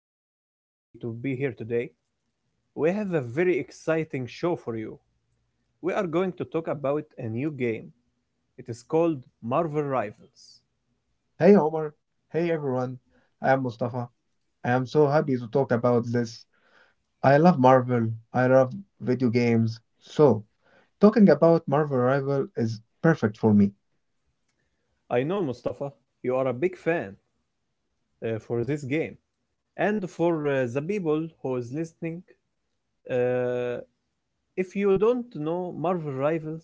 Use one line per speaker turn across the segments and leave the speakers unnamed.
I am happy to be here today. We have a very exciting show for you. We are going to talk about a new game. It is called Marvel Rivals.
Hey Omar, hey everyone. I am Mustafa. I am so happy to talk about this. I love Marvel. I love video games. Talking about Marvel Rival is perfect for me.
I know, Mustafa, you are a big fan for this game. And for the people who is listening, uh, if you don't know, Marvel Rivals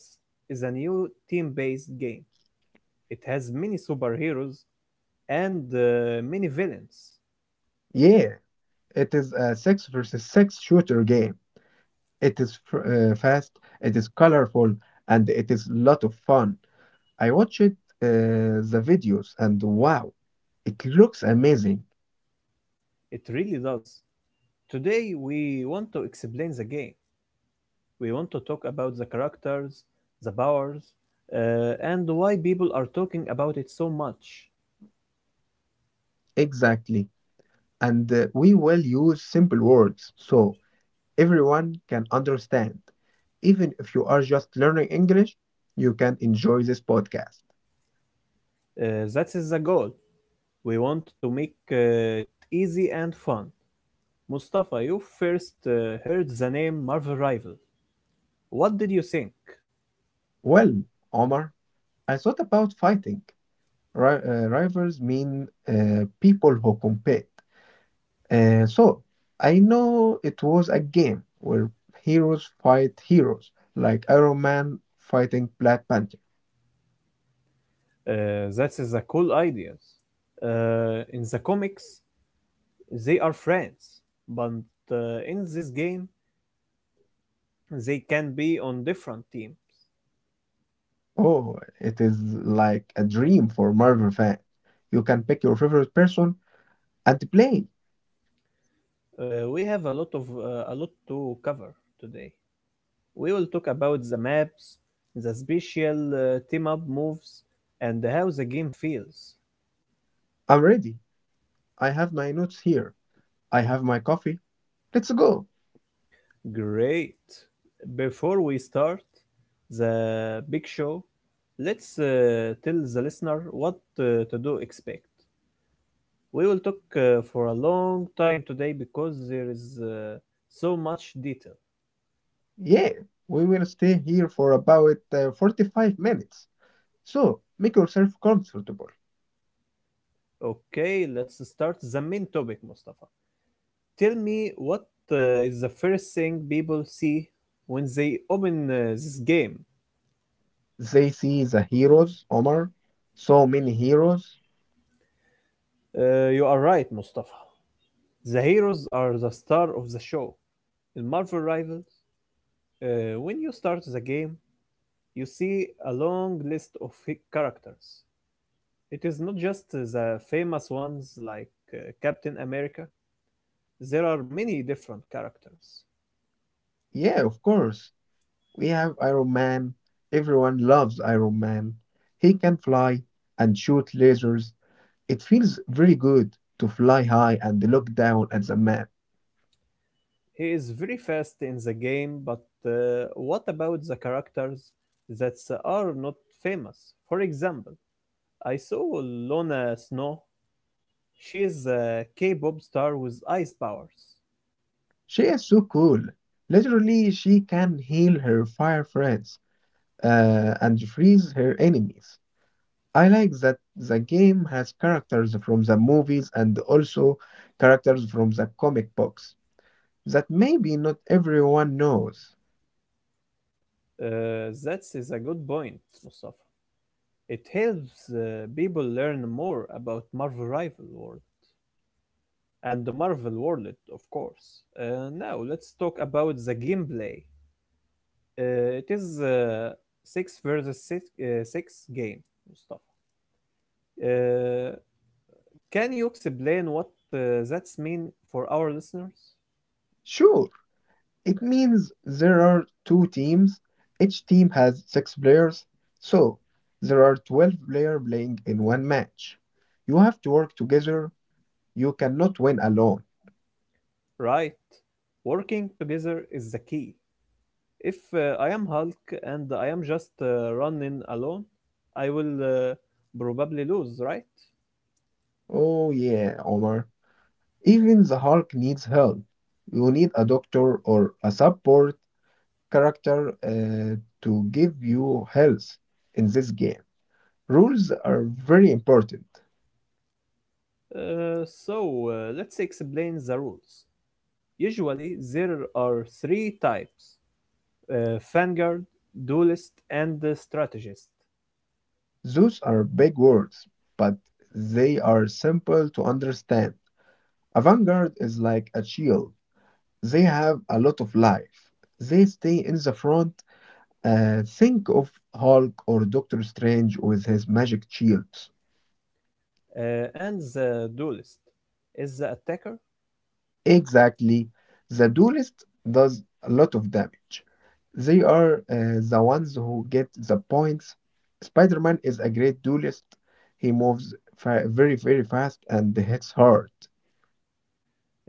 is a new team-based game. It has many superheroes and many villains.
Yeah, it is a 6 versus 6 shooter game. It is fast, it is colorful, and it is a lot of fun. I watched the videos, and wow, it looks amazing.
It really does. Today we want to explain the game. We want to talk about the characters, the powers, uh, and why people are talking about it so much.
Exactly. And We will use simple words. So everyone can understand. Even if you are just learning English, you can enjoy this podcast.
Uh, that is the goal. We want to make it easy and fun. Mustafa, you first heard the name Marvel Rival. What did you think?
Well, Omar, I thought about fighting. Rivals mean people who compete. So I know it was a game where heroes fight heroes, like Iron Man fighting Black Panther.
That is a cool idea. In the comics, they are friends, but in this game, they can be on different teams.
Oh, it is like a dream for Marvel fan. You can pick your favorite person and play.
We have a lot of a lot to cover today. We will talk about the maps, the special team up moves, and how the game feels.
I'm ready. I have my notes here. I have my coffee. Let's go.
Great. Before we start the big show, let's tell the listener what to do expect. We will talk for a long time today because there is so much detail.
Yeah, we will stay here for about 45 minutes. So make yourself comfortable.
Okay, let's start the main topic, Mustafa. Tell me what is the first thing people see when they open this game?
They see the heroes, Omar. So many heroes.
You are right, Mustafa. The heroes are the star of the show. In Marvel Rivals, when you start the game, you see a long list of characters. It is not just the famous ones like Captain America, there are many different characters.
Yeah, of course. We have Iron Man. Everyone loves Iron Man. He can fly and shoot lasers. It feels very good to fly high and look down at the map.
He is very fast in the game, but what about the characters that are not famous? For example, I saw Lona Snow. She is a K-pop star with ice powers.
She is so cool. Literally, she can heal her fire friends and freeze her enemies. I like that the game has characters from the movies and also characters from the comic books that maybe not everyone knows.
That is a good point, Mustafa. It helps people learn more about Marvel Rival World and the Marvel World, of course. Now let's talk about the gameplay. It is a six versus six, six game, Mustafa. Uh, can you explain what that's mean for our listeners?
Sure, it means there are two teams. Each team has six players, so there are 12 players playing in one match. You have to work together. You cannot win alone.
Right. Working together is the key. If I am Hulk and I am just running alone, I will probably lose, right?
Oh, yeah, Omar. Even the Hulk needs help. You need a doctor or a support character to give you health in this game. Rules are very important.
So let's explain the rules. Usually there are three types: Vanguard, Duelist, and the Strategist.
Those are big words, but they are simple to understand. A vanguard is like a shield. They have a lot of life. They stay in the front. Think of Hulk or Doctor Strange with his magic shields.
And the Duelist is the attacker,
Exactly. The duelist does a lot of damage. They are the ones who get the points. Spider-Man is a great duelist. He moves very, very fast and hits hard.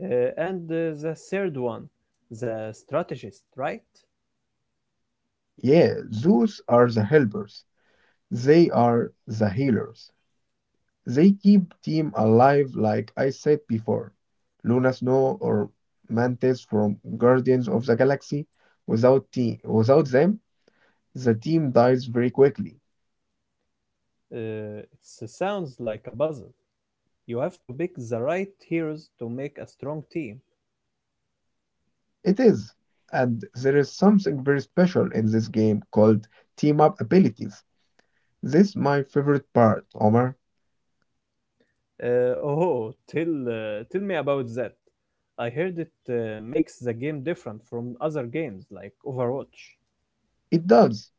uh, and the third one, the Strategist, right?
Yeah, those are the helpers. They are the healers. They keep team alive like I said before. Luna Snow or Mantis from Guardians of the Galaxy. Without team, without them, the team dies very quickly.
Uh, it sounds like a puzzle. You have to pick the right heroes to make a strong team.
It is, and there is something very special in this game called team up abilities. This my favorite part, Omar.
Oh, tell me about that. I heard it makes the game different from other games like Overwatch.
It does.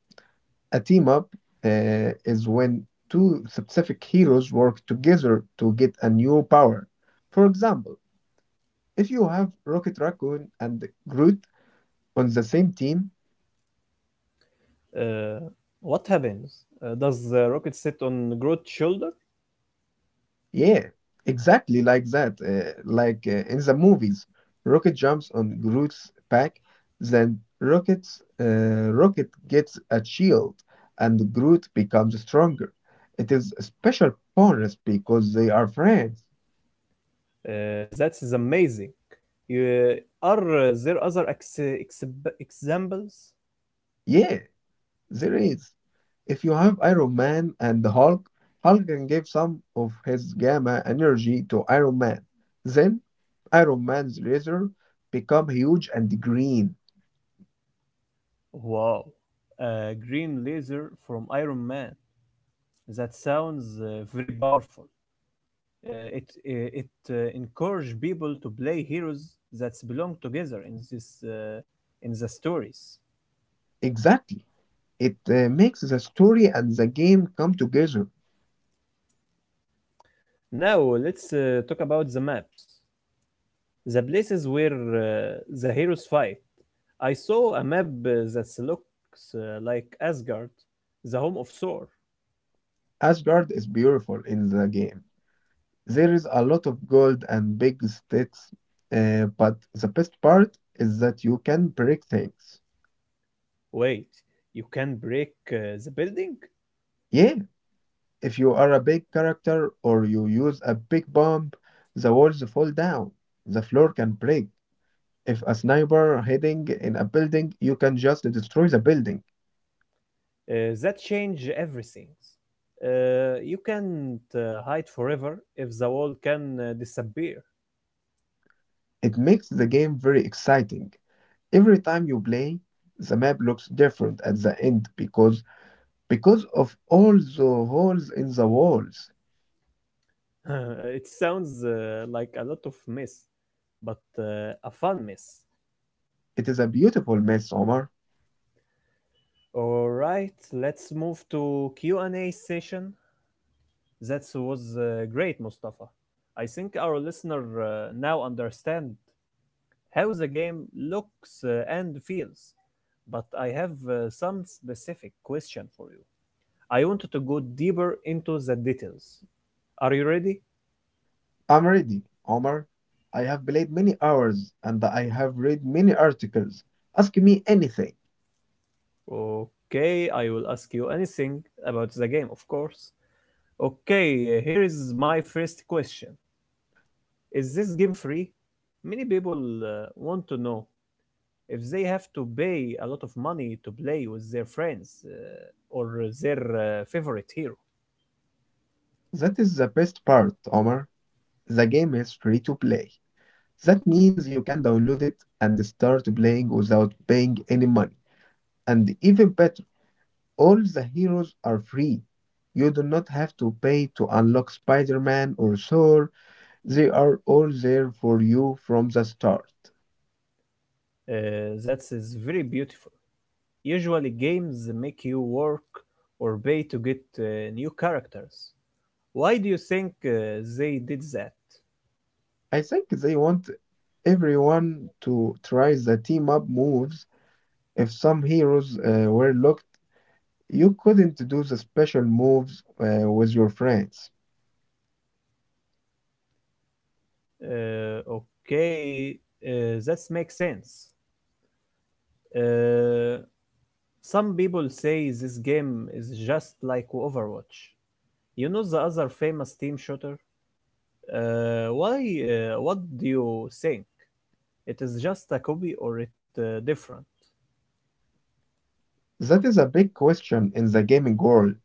A team up is when two specific heroes work together to get a new power. For example, if you have Rocket Raccoon and Groot on the same team.
Uh, what happens? Does the rocket sit on Groot's shoulder?
Yeah, exactly like that. Like in the movies, Rocket jumps on Groot's back, then Rocket gets a shield, and Groot becomes stronger. It is a special bonus because they are friends.
That is amazing. Uh, are there other ex- exib- examples?
Yeah, there is. If you have Iron Man and Hulk, Hulk can give some of his gamma energy to Iron Man. Then Iron Man's laser become huge and green.
Wow, a green laser from Iron Man. That sounds very powerful. Uh, it uh, it encourage people to play heroes that belong together in this in the stories.
Exactly. It makes the story and the game come together.
Now let's talk about the maps, the places where the heroes fight. I saw a map that looks like Asgard, the home of Thor.
Asgard is beautiful in the game. There is a lot of gold and big sticks, but the best part is that you can break things.
Wait, you can break the building?
Yeah, if you are a big character or you use a big bomb, the walls fall down, the floor can break. If a sniper hiding in a building, you can just destroy the building.
That change everything. You can't hide forever if the wall can disappear.
It makes the game very exciting. Every time you play, the map looks different at the end because of all the holes in the walls.
It sounds like a lot of mess, but a fun mess.
It is a beautiful mess, Omar.
All right, let's move to Q&A session. That was great, Mustafa. I think our listener now understand how the game looks and feels. But I have some specific question for you. I wanted to go deeper into the details. Are you ready?
I'm ready, Omar. I have played many hours and I have read many articles. Ask me anything.
Okay, I will ask you anything about the game, of course. Okay, here is my first question. Is this game free? Many people want to know if they have to pay a lot of money to play with their friends or their favorite hero.
That is the best part, Omar. The game is free to play. That means you can download it and start playing without paying any money. And even better, all the heroes are free. You do not have to pay to unlock Spider Man or Thor, they are all there for you from the start.
That is very beautiful. Usually games make you work or pay to get new characters. Why do you think they did that?
I think they want everyone to try the team up moves. If some heroes were locked, you couldn't do the special moves with your friends.
Okay, that makes sense. Uh, some people say this game is just like Overwatch. You know the other famous team shooter? Why, what do you think? It is just a copy or it different?
That is a big question in the gaming world.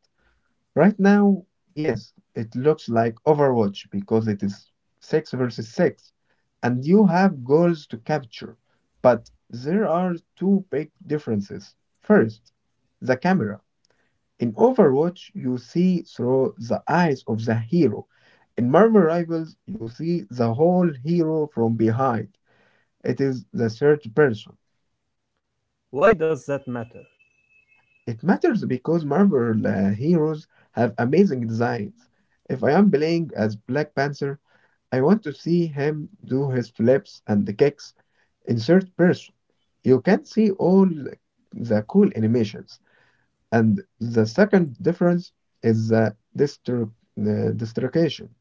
Right now, yes, it looks like Overwatch because it is 6 versus 6 and you have goals to capture. But there are two big differences. First, the camera. In Overwatch, you see through the eyes of the hero. In Marvel Rivals, you see the whole hero from behind. It is the third person.
Why does that matter?
It matters because Marvel heroes have amazing designs. If I am playing as Black Panther, I want to see him do his flips and the kicks in third person. You can see all the cool animations. And the second difference is the distribution.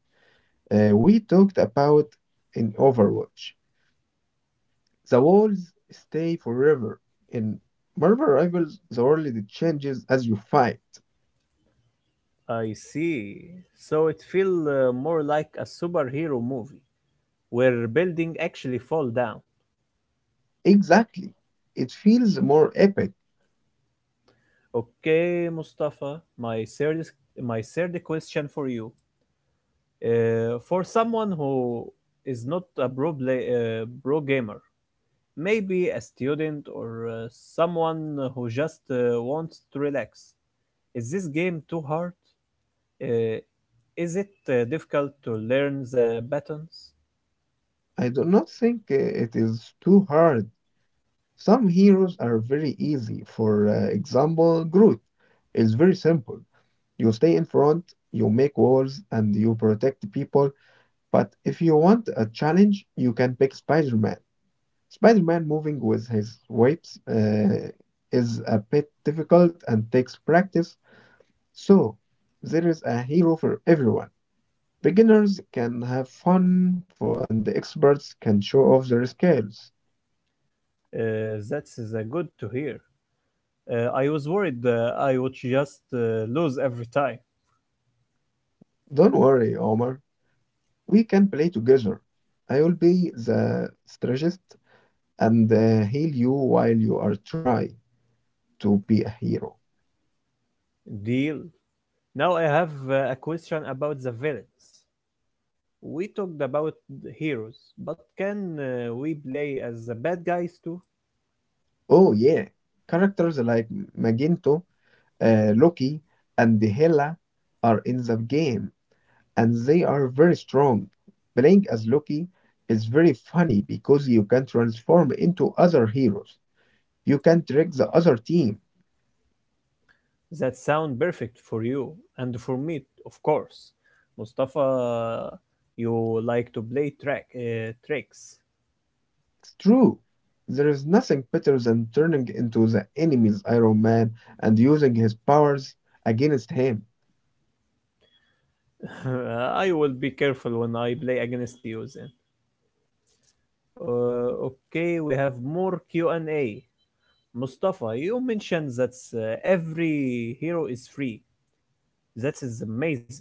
We talked about in Overwatch. The walls stay forever. In Marvel Rivals, the world changes as you fight.
I see. So it feels more like a superhero movie where building actually fall down.
Exactly. It feels more epic.
Okay, Mustafa, my third question for you. For someone who is not a pro gamer, maybe a student or someone who just wants to relax. Is this game too hard? Uh, is it difficult to learn the buttons?
I do not think it is too hard. Some heroes are very easy. For example, Groot is very simple. You stay in front, you make walls, and you protect people. But if you want a challenge, you can pick Spider Man. Spider Man moving with his webs is a bit difficult and takes practice, so there is a hero for everyone. Beginners can have fun, for, and experts can show off their skills.
That's good to hear. I was worried I would just lose every time.
Don't worry, Omar. We can play together. I will be the strategist and heal you while you are trying to be a hero.
Deal. Now I have a question about the villains. We talked about the heroes, but can we play as the bad guys too?
Oh yeah, characters like Magento, Loki, and Hela are in the game, and they are very strong. Playing as Loki is very funny because you can transform into other heroes. You can trick the other team.
That sound perfect for you and for me, of course. Mustafa, you like to play track tricks.
It's true. There is nothing better than turning into the enemy's Iron Man and using his powers against him.
I will be careful when I play against you then. Okay, we have more Q&A. Mustafa, you mentioned that every hero is free. That is amazing.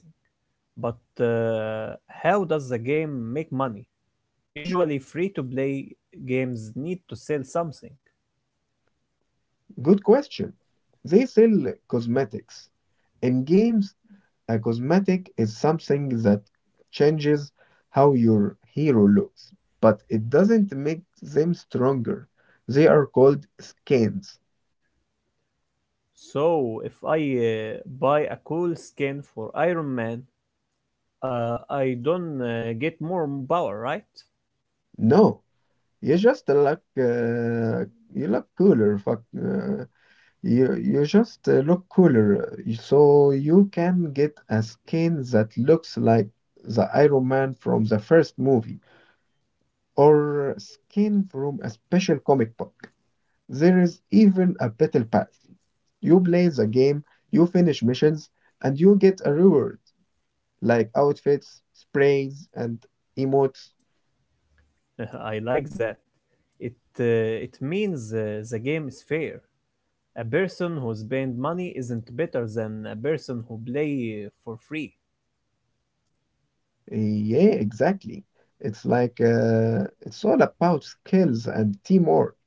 But how does the game make money? Usually free to play games need to sell something.
Good question. They sell cosmetics. In games, a cosmetic is something that changes how your hero looks, but it doesn't make them stronger. They are called skins.
So if I buy a cool skin for Iron Man, I don't get more power, right?
No, you just You look cooler. Fuck, you just look cooler, so you can get a skin that looks like the Iron Man from the first movie, or skin from a special comic book. There is even a battle pass. You play the game, you finish missions, and you get a reward like outfits, sprays, and emotes.
I like that. It means the game is fair. A person who spend money isn't better than a person who play for free.
Yeah, exactly. It's all about skills and teamwork.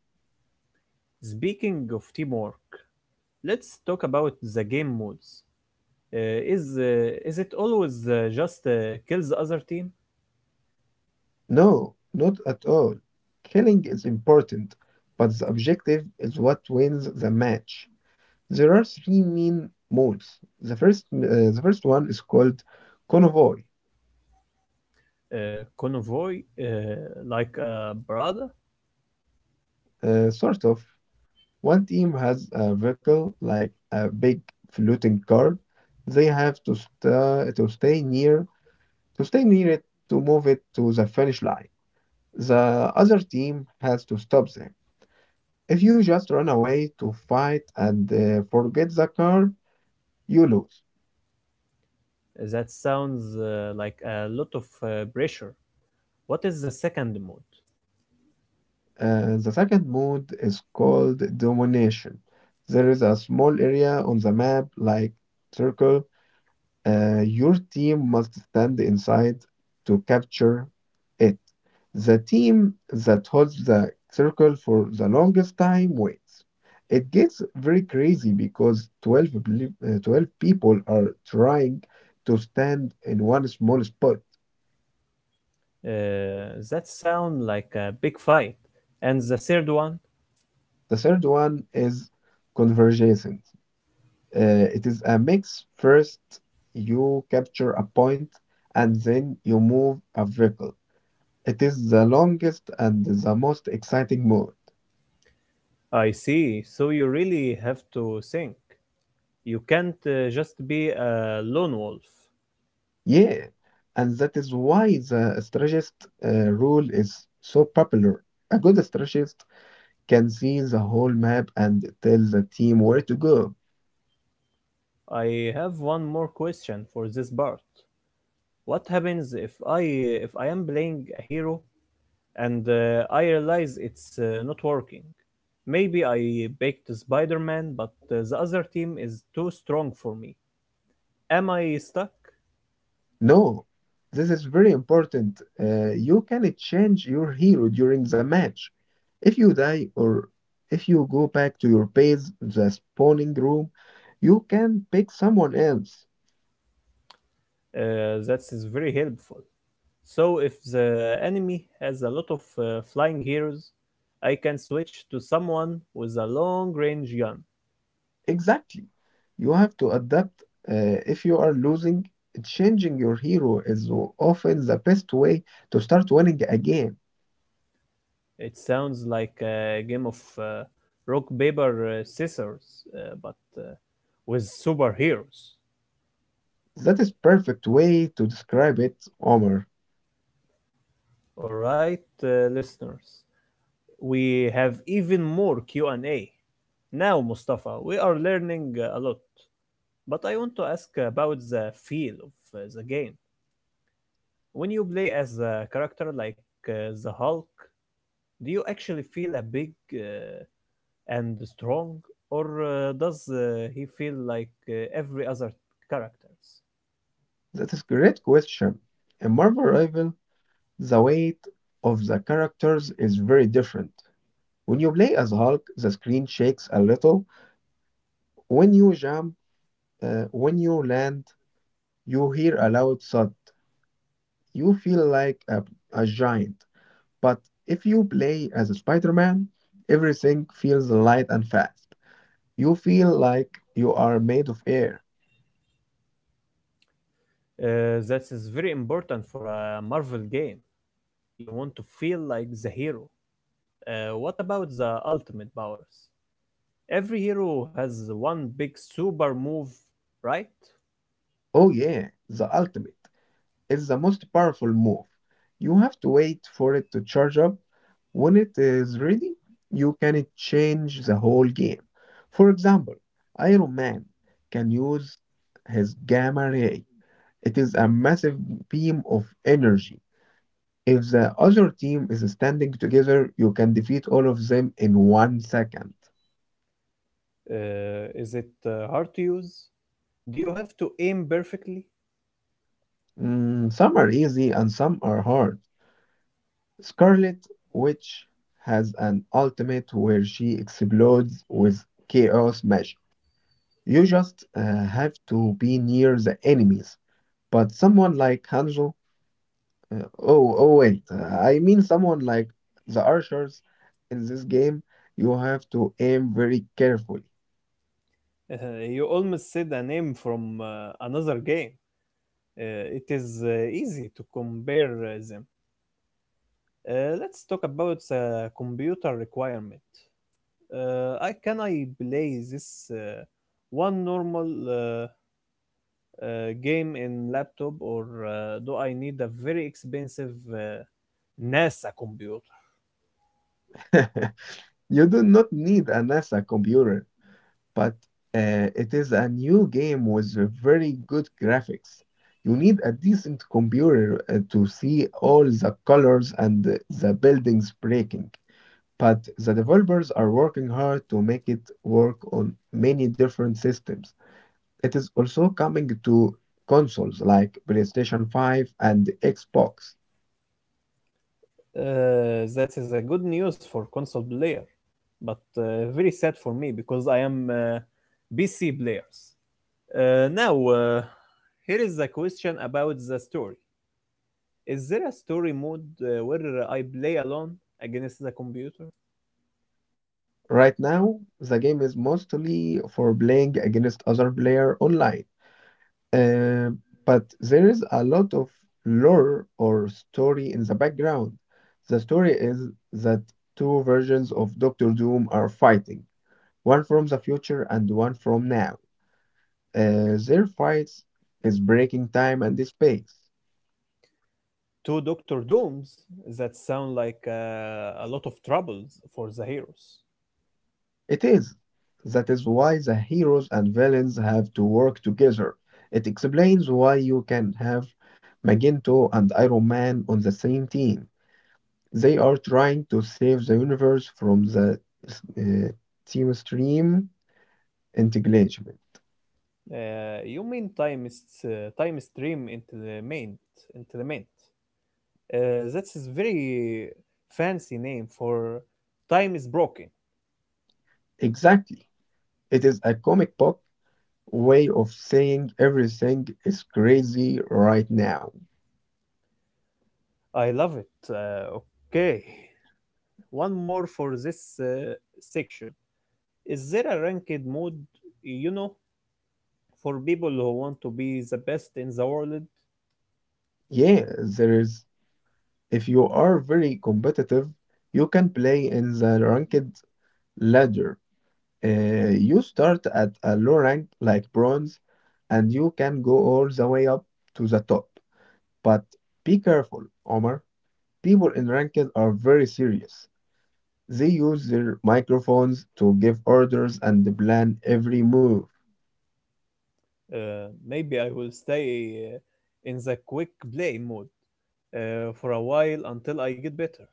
Speaking of teamwork, let's talk about the game modes. Is it always just kill the other team,
No, not at all. Killing is important, but the objective is what wins the match. There are three main modes. The first one is called convoy.
convoy, like a brother?
Sort of, one team has a vehicle like a big floating car. They have to sta to stay near it to move it to the finish line. The other team has to stop them. If you just run away to fight and forget the car, you lose.
That sounds like a lot of pressure. What is the second mode?
The second mode is called domination. There is a small area on the map, like circle. Your team must stand inside to capture it. The team that holds the circle for the longest time wins. It gets very crazy because 12 people are trying to stand in one small spot.
That sounds like a big fight. And the third one?
The third one is convergence. It is a mix. First, you capture a point and then you move a vehicle. It is the longest and the most exciting mode.
I see. So you really have to think. You can't just be a lone wolf.
Yeah, and that is why the strategist rule is so popular. A good strategist can see the whole map and tell the team where to go.
I have one more question for this part. What happens if I am playing a hero and I realize it's not working. Maybe I baked Spider Man, but the other team is too strong for me. Am I stuck?
No, this is very important. You can change your hero during the match. If you die or if you go back to your base, the spawning room, you can pick someone else.
That is very helpful. So, if the enemy has a lot of flying heroes, I can switch to someone with a long range gun.
Exactly. You have to adapt. If you are losing, changing your hero is often the best way to start winning again.
It sounds like a game of rock, paper, scissors, but uh, with superheroes.
That is perfect way to describe it, Omar.
Alright, listeners, we have even more Q&A. Now, Mustafa, we are learning a lot, but I want to ask about the feel of the game. When you play as a character like the Hulk, do you actually feel a big and strong, or does he feel like every other characters?
That is great question. In Marvel Rival, the weight of the characters is very different. When you play as Hulk, the screen shakes a little. When you jump, when you land, you hear a loud thud. You feel like a giant. But if you play as Spider Man, everything feels light and fast. You feel like you are made of air.
That is very important for a Marvel game. You want to feel like the hero. What about the ultimate powers? Every hero has one big super move, right?
Oh yeah, the ultimate. It's the most powerful move. You have to wait for it to charge up. When it is ready, you can change the whole game. For example, Iron Man can use his gamma ray. It is a massive beam of energy. If the other team is standing together, you can defeat all of them in one second.
Is it hard to use? Do you have to aim perfectly?
Mm, some are easy and some are hard. Scarlet Witch has an ultimate where she explodes with chaos magic. You just have to be near the enemies. But someone like Hanzo, oh, oh, wait, I mean someone like the archers in this game, you have to aim very carefully.
Uh, you almost said a name from another game. It is easy to compare them. Let's talk about the computer requirement. I play this one normal uh, game in laptop, or do I need a very expensive NASA computer?
You do not need a NASA computer, but it is a new game with very good graphics. You need a decent computer to see all the colors and the buildings breaking. But the developers are working hard to make it work on many different systems. It is also coming to consoles like PlayStation 5 and Xbox.
That is a good news for console player, but very sad for me because I am PC players. Now, here is a question about the story. Is there a story mode where I play alone against the computer?
Right now, the game is mostly for playing against other player online. Uh, but there is a lot of lore or story in the background. The story is that two versions of Doctor Doom are fighting, one from the future and one from now. Their fights is breaking time and space.
Two Doctor Dooms that sound like a lot of troubles for the heroes.
It is. That is why the heroes and villains have to work together. It explains why you can have Magneto and Iron Man on the same team. They are trying to save the universe from the uh, theme stream entanglement.
You mean time is time stream implement implement. That is very fancy name for time is broken.
Exactly. It is a comic book way of saying everything is crazy right now.
I love it. Okay, one more for this section. Is there a ranked mode? You know, for people who want to be the best in the world,
Yeah, there is. If you are very competitive, you can play in the ranked ladder. You start at a low rank like bronze, and you can go all the way up to the top. But be careful, Omar. People in ranked are very serious. They use their microphones to give orders and plan every move.
maybe I will stay in the quick play mode for a while until I get better.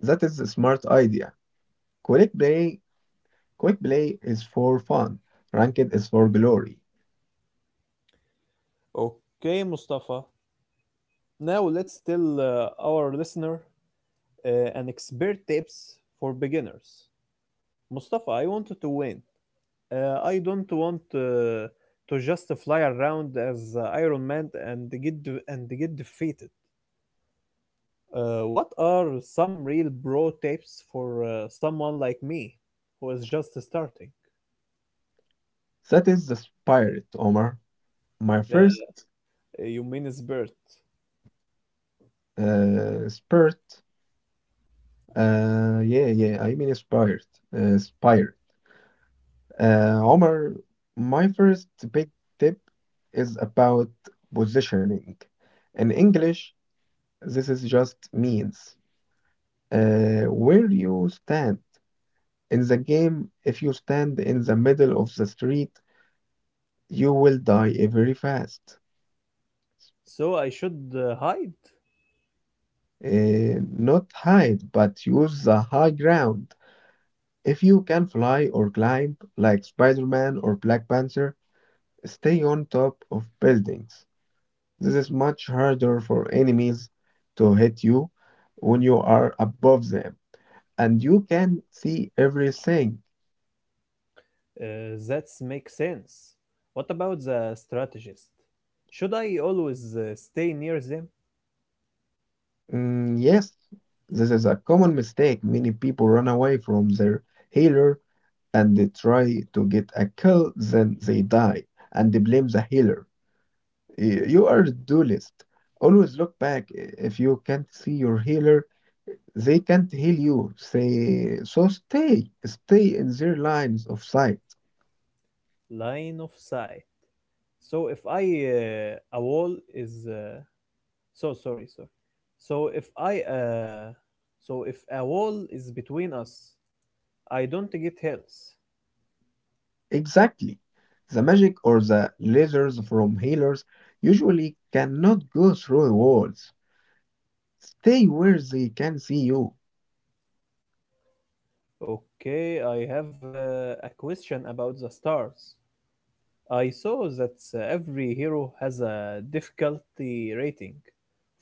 That is a smart idea. Quick play, quick play is for fun. Ranked is for glory.
Okay, Mustafa. Now let's tell our listener an expert tips for beginners. Mustafa, I wanted to win. I don't want to just fly around as Iron Man and get defeated. What are some real bro tips for someone like me who is just starting?
That is the spirit, Omar. My
Uh,
first
you mean it's birth.
spurt. Yeah. I mean, inspired. Omar, my first big tip is about positioning. In English, this is just means where you stand in the game. If you stand in the middle of the street, you will die very fast.
So I should hide?
Uh, Not hide, but use the high ground. If you can fly or climb like Spider-Man or Black Panther, stay on top of buildings. This is much harder for enemies to hit you when you are above them and you can see everything.
That makes sense. What about the strategist? Should I always stay near them?
Mm, yes, this is a common mistake. Many people run away from their healer and they try to get a kill, then they die and they blame the healer. You are a duelist. Always look back if you can't see your healer. They can't heal you, say, so stay in their lines of sight.
Line of sight. So if I a wall is so sorry, sorry. So if I so if a wall is between us, I don't get help.
Exactly. The magic or the lasers from healers usually cannot go through walls. Stay where they can see you.
Okay, I have a question about the stars. I saw that every hero has a difficulty rating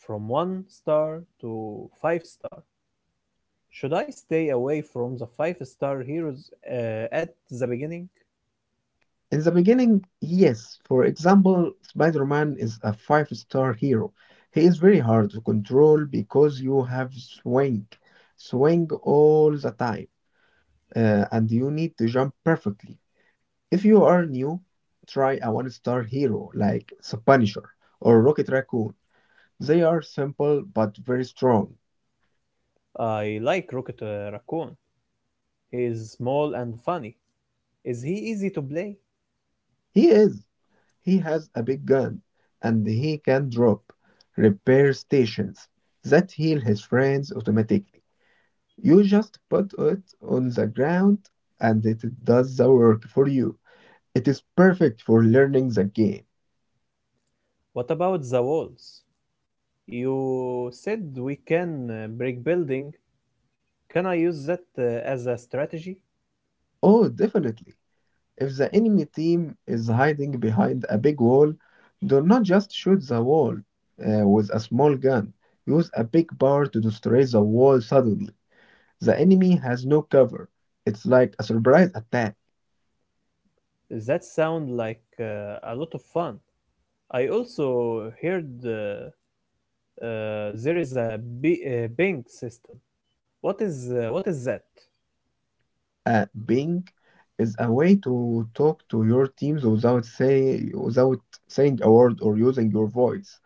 from 1 star to 5 star. Should I stay away from the 5-star heroes at the beginning?
In the beginning, yes. For example, Spider Man is a five-star hero. He is very hard to control because you have swing all the time, and you need to jump perfectly. If you are new, try a one star hero like the Punisher or Rocket Raccoon. They are simple but very strong.
I like Rocket Raccoon. He is small and funny. Is he easy to play?
He is. He has a big gun and he can drop repair stations that heal his friends automatically. You just put it on the ground and it does the work for you. It is perfect for learning the game.
What about the walls? You said we can break building. Can I use that as a strategy?
Oh, definitely. If the enemy team is hiding behind a big wall, do not just shoot the wall with a small gun. Use a big bar to destroy the wall suddenly. The enemy has no cover. It's like a surprise attack.
That sound like a lot of fun. I also heard there is a Bing system. What is that?
A ping is a way to talk to your teams without say without saying a word or using your voice.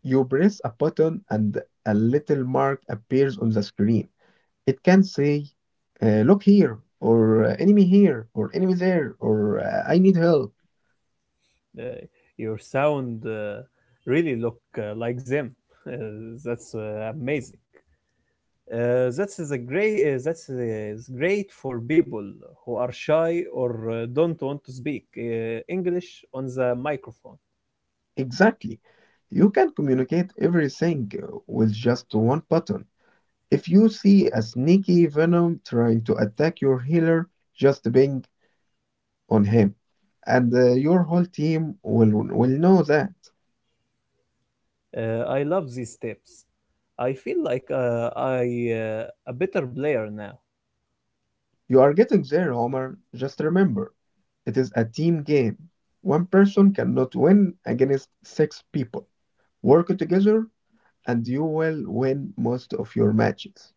You press a button and a little mark appears on the screen. It can say, look here, or enemy here, or enemy there, or I need help.
Uh, your sound really look like them. Uh, that's amazing. That's a great. That's great for people who are shy or don't want to speak English on the microphone.
Exactly. You can communicate everything with just one button. If you see a sneaky Venom trying to attack your healer, just bang on him, and your whole team will know that.
I love these tips. I feel like I a better player now.
You are getting there, Homer. Just remember, it is a team game. One person cannot win against six people. Work together and you will win most of your matches.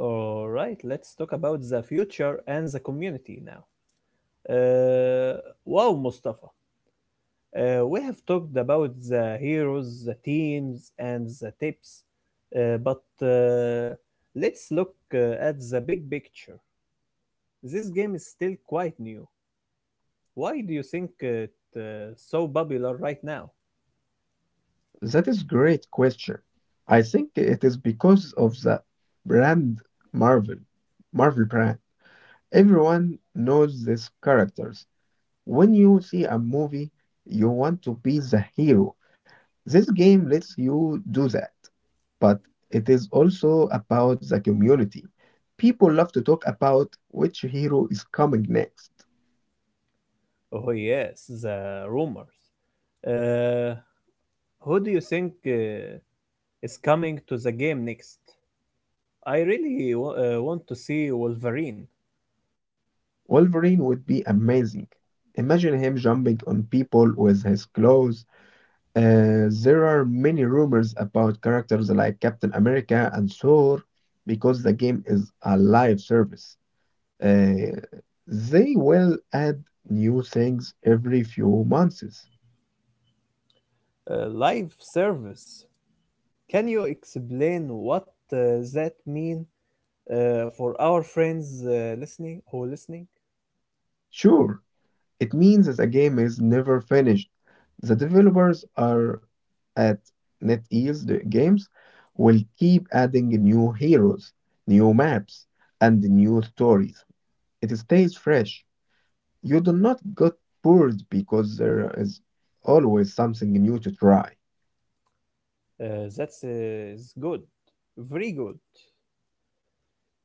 All right, let's talk about the future and the community now. Uh, wow, Mustafa. We have talked about the heroes, the teams, and the tips, but uh, let's look at the big picture. This game is still quite new. Why do you think it's so popular right now?
That is great question. I think it is because of the brand Marvel, Marvel brand. Everyone knows these characters. When you see a movie, you want to be the hero. This game lets you do that, but it is also about the community. People love to talk about which hero is coming next.
Oh yes, the rumors. Uh, who do you think is coming to the game next? I really want to see Wolverine.
Wolverine would be amazing. Imagine him jumping on people with his claws. There are many rumors about characters like Captain America and Thor because the game is a live service. Uh, they will add new things every few months.
Uh, live service. Can you explain what that mean for our friends listening?
Sure, it means that a game is never finished. The developers are at NetEase the Games will keep adding new heroes, new maps, and new stories. It stays fresh. You do not get bored because there is always something new to try.
That is good, very good.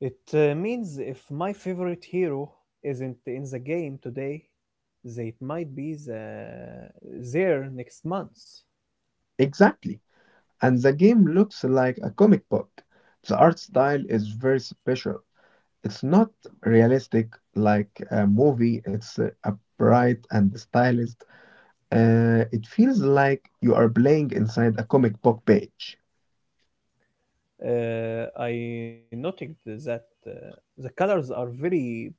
It means if my favorite hero isn't in the game today, they might be there next month.
Exactly. And the game looks like a comic book. The art style is very special. It's not realistic like a movie, it's upright and stylized. It feels like you are playing inside a comic book page.
I noted that the colors are very pop.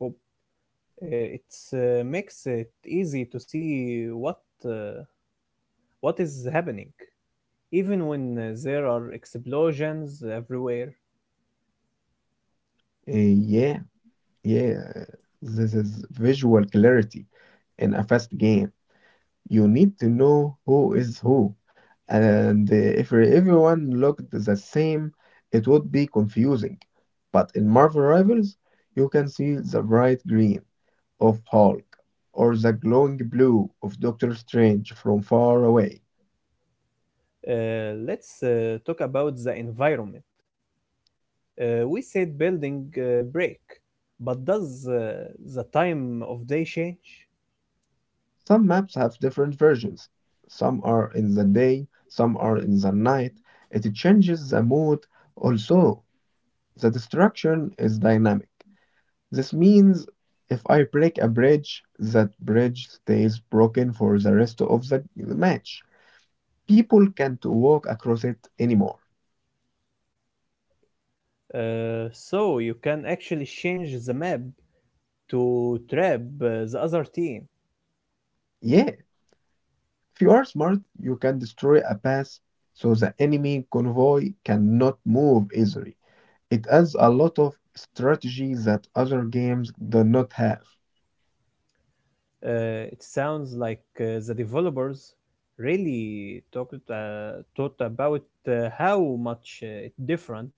It makes it easy to see what uh, is happening, even when there are explosions everywhere.
Uh, yeah, yeah. This is visual clarity in a fast game. You need to know who is who. And if everyone looked the same, it would be confusing. But in Marvel Rivals, you can see the bright green of Hulk or the glowing blue of Doctor Strange from far away.
Let's talk about the environment. We said building break, but does the time of day change?
Some maps have different versions. Some are in the day, some are in the night. It changes the mood. Also, the destruction is dynamic. This means if I break a bridge, that bridge stays broken for the rest of the match. People can't walk across it anymore.
So you can actually change the map to trap the other team.
Yeah, if you are smart, you can destroy a pass so the enemy convoy cannot move easily. It adds a lot of strategy that other games do not have.
It sounds like the developers really talked thought about how much it different.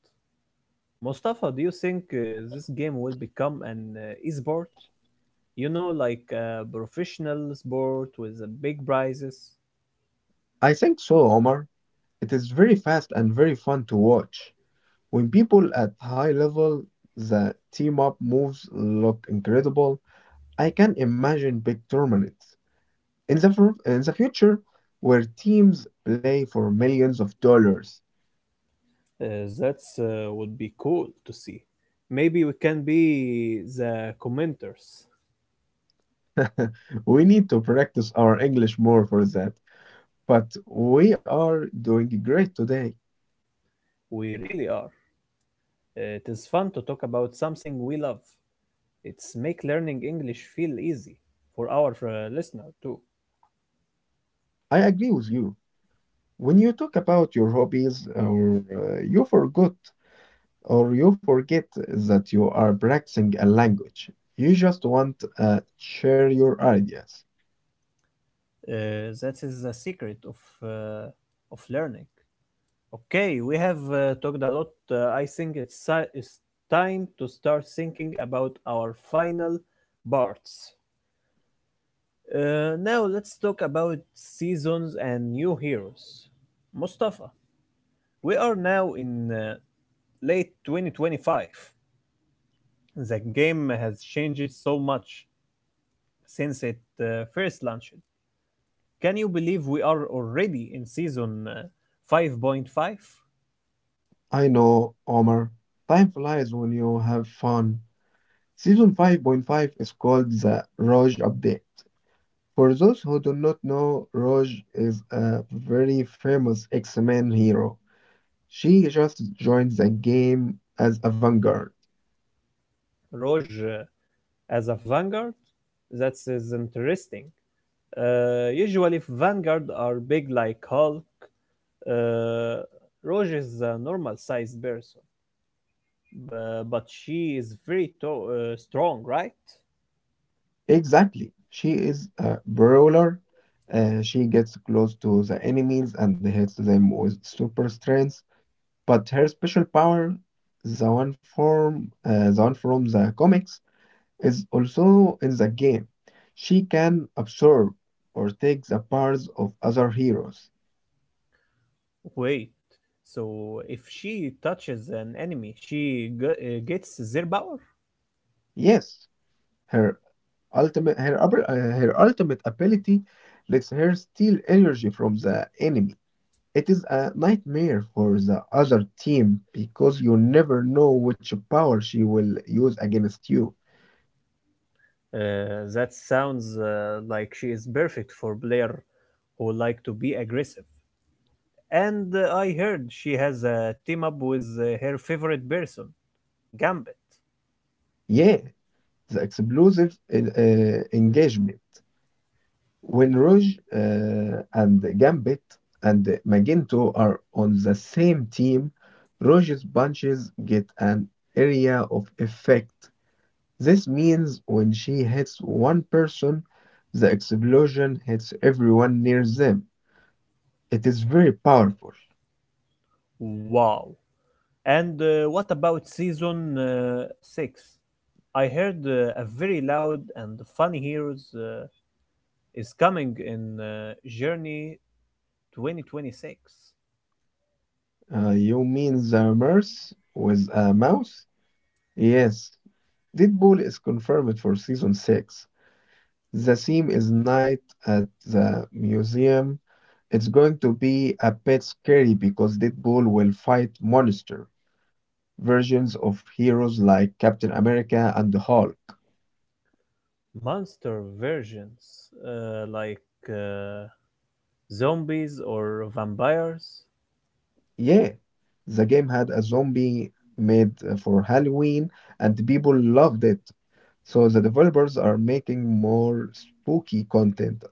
Mustafa, do you think this game will become an esport? You know, like a professional sport with big prizes.
I think so, Omar. It is very fast and very fun to watch. When people at high level, the team up moves look incredible. I can imagine big tournaments in the in the future where teams play for millions of dollars.
Uh, that would be cool to see. Maybe we can be the commenters.
We need to practice our English more for that, but we are doing great today.
We really are. It is fun to talk about something we love. It's make learning English feel easy for our listener too.
I agree with you. When you talk about your hobbies, or you forget that you are practicing a language, you just want to share your ideas.
Uh, that is the secret of uh, of learning. Okay, we have talked a lot. I think it's time to start thinking about our final parts. Now let's talk about seasons and new heroes. Mustafa, we are now in late 2025. The game has changed so much since it first launched. Can you believe we are already in season 5.5?
I know, Omar. Time flies when you have fun. Season 5.5 is called the Roj Update. For those who do not know, Roj is a very famous X-Men hero. She just joined the game as a vanguard.
5.5? Roge as a Vanguard? That is interesting. Usually, if Vanguard are big like Hulk, uh, Roge is a normal sized person. But she is very strong, right?
Exactly. She is a brawler. She gets close to the enemies and hits them with super strength. But her special power, the one from the comics, is also in the game. She can absorb or take the powers of other heroes.
Wait, so if she touches an enemy, she gets their power?
Yes, her her ultimate ability lets her steal energy from the enemy. It is a nightmare for the other team because you never know which power she will use against you.
That sounds like she is perfect for player who like to be aggressive. And I heard she has a team up with her favorite person, Gambit.
Yeah, the explosive engagement. When Rouge and Gambit and Magento are on the same team, Rouge's punches get an area of effect. This means when she hits one person, the explosion hits everyone near them. It is very powerful.
Wow. And what about season 6? I heard a very loud and funny heroes is coming in Journey 2026.
You mean the Merce with a mouse? Yes, Deadpool is confirmed for season 6. The theme is night at the museum. It's going to be a bit scary because Deadpool will fight monster versions of heroes like Captain America and the Hulk.
Monster versions like uh, zombies or vampires.
Yeah, the game had a zombie made for Halloween and people loved it. So the developers are making more spooky content.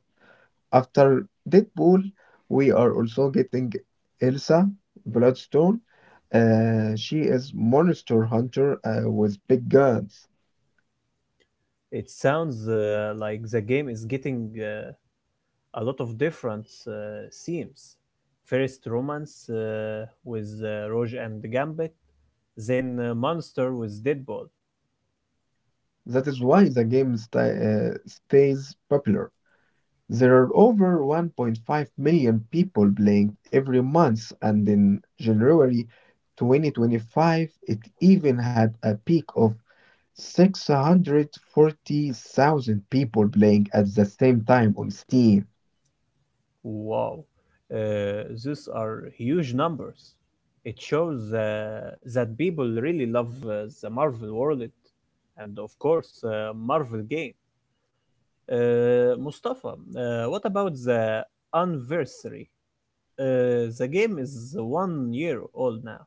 After Deadpool, we are also getting Elsa Bloodstone. She is monster hunter with big guns.
It sounds like the game is getting a lot of different themes. First romance with Rogue and Gambit, then monster with Deadpool.
That is why the game stays popular. There are over 1.5 million people playing every month, and in January 2025, it even had a peak of 640,000 people playing at the same time on Steam.
Wow, those are huge numbers. It shows that people really love the Marvel world and, of course, Marvel games. Mustafa, what about the anniversary? The game is 1 year old now.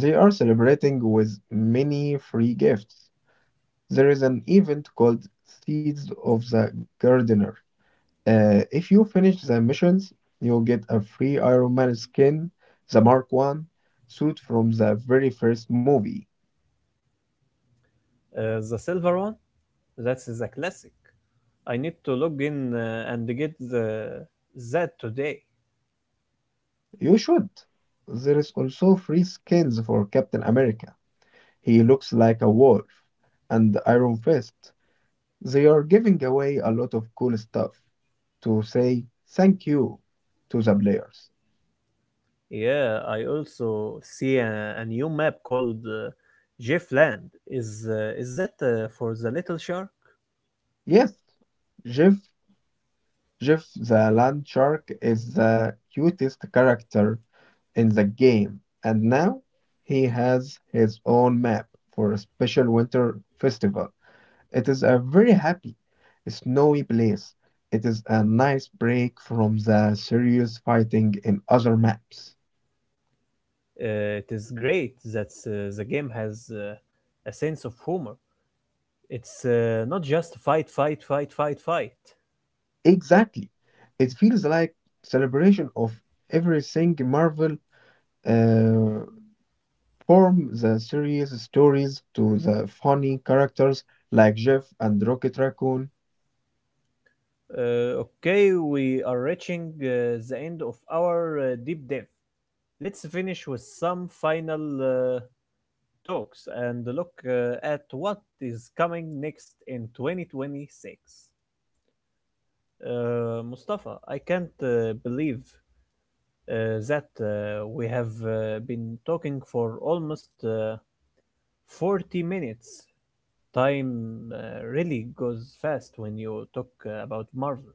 They are celebrating with many free gifts. There is an event called Seeds of the Gardener. If you finish the missions, you'll get a free Iron Man skin, the Mark 1 suit from the very first movie.
The silver one? That's the classic. I need to log in and get the that today.
You should. There is also free skins for Captain America. He looks like a wolf and Iron Fist. They are giving away a lot of cool stuff to say thank you to the players.
Yeah, I also see a new map called Jeff Land. Is that for the little shark?
Yes, Jeff, Jeff the Land Shark is the cutest character in the game, and now he has his own map for a special winter festival. It is a very happy, snowy place. It is a nice break from the serious fighting in other maps.
It is great that the game has a sense of humor. It's not just fight, fight, fight, fight, fight.
Exactly. It feels like celebration of everything Marvel, uh, from the serious stories to the funny characters like Jeff and Rocket Raccoon.
Okay, we are reaching the end of our deep dive. Let's finish with some final talks and look at what is coming next in 2026. Mustafa, I can't believe that we have been talking for almost 40 minutes. Time really goes fast when you talk about Marvel.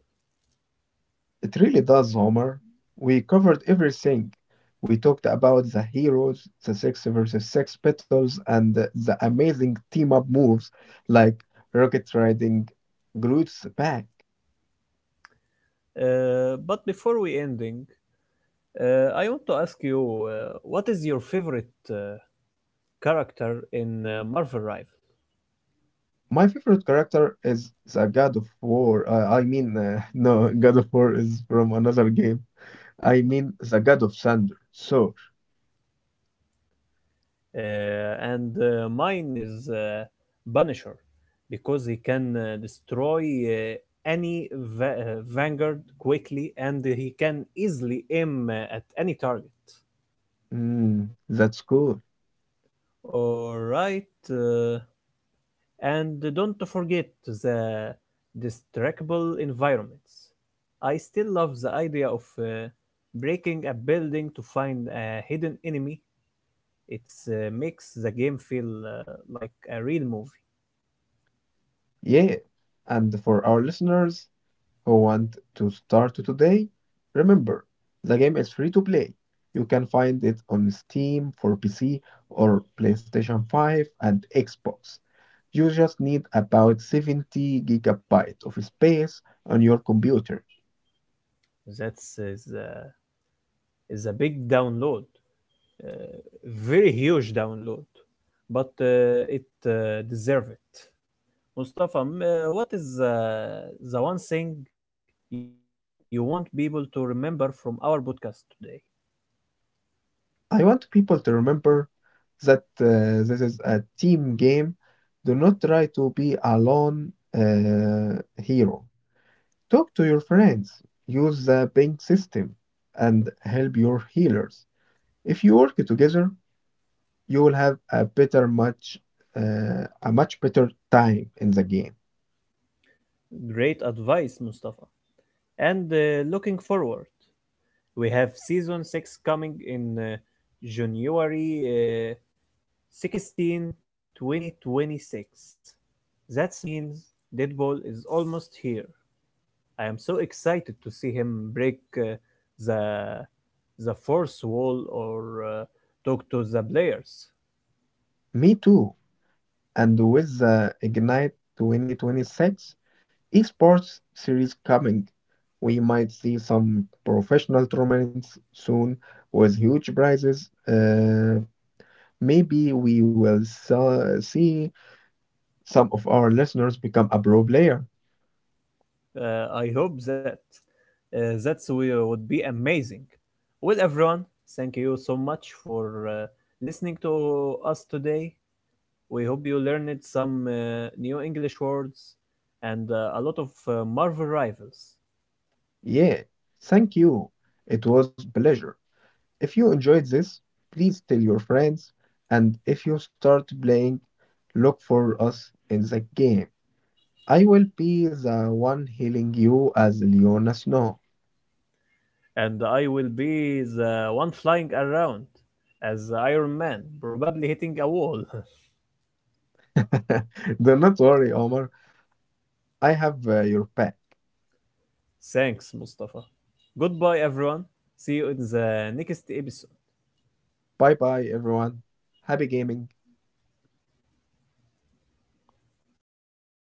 It really does, Homer. We covered everything. We talked about the heroes, the six versus six battles, and the amazing team up moves like rocket riding Groot's back.
But before we ending, I want to ask you, what is your favorite uh, character in Marvel Rival?
My favorite character is the God of War. I mean, no, God of War is from another game. I mean, the God of Thunder. So,
Uh, and mine is Punisher because he can destroy any va- uh, vanguard quickly and he can easily aim at any target.
mm, that's cool.
All right. Uh, And don't forget the destructible environments. I still love the idea of breaking a building to find a hidden enemy. It makes the game feel like a real movie.
Yeah. And for our listeners, who want to start today, remember the game is free to play. You can find it on Steam for PC or PlayStation 5 and Xbox. You just need about 70 gigabytes of space on your computer.
That's is a big download, uh, very huge download, but it deserves it. Mustafa, what is the one thing you want people to remember from our podcast today?
I want people to remember that this is a team game. Do not try to be a lone hero. Talk to your friends, use the pink system, and help your healers. If you work together, you will have a much better time in the game.
Great advice, Mustafa. And looking forward, we have season 6 coming in January 16, 2026. That means Deadpool is almost here. I am so excited to see him break the fourth wall or talk to the players.
Me too. And with the Ignite 2026 esports series coming, we might see some professional tournaments soon with huge prizes. Maybe we will see some of our listeners become a pro player.
I hope that that's we would be amazing. Well, everyone, thank you so much for listening to us today. We hope you learned some new English words and a lot of Marvel rivals.
Yeah, thank you. It was pleasure. If you enjoyed this, please tell your friends, and if you start playing, look for us in the game. I will be the one healing you as Leona Snow.
And I will be the one flying around as Iron Man, probably hitting a wall.
Do not worry, Omar. I have your back.
Thanks, Mustafa. Goodbye, everyone. See you in the next episode.
Bye bye, everyone. Happy gaming.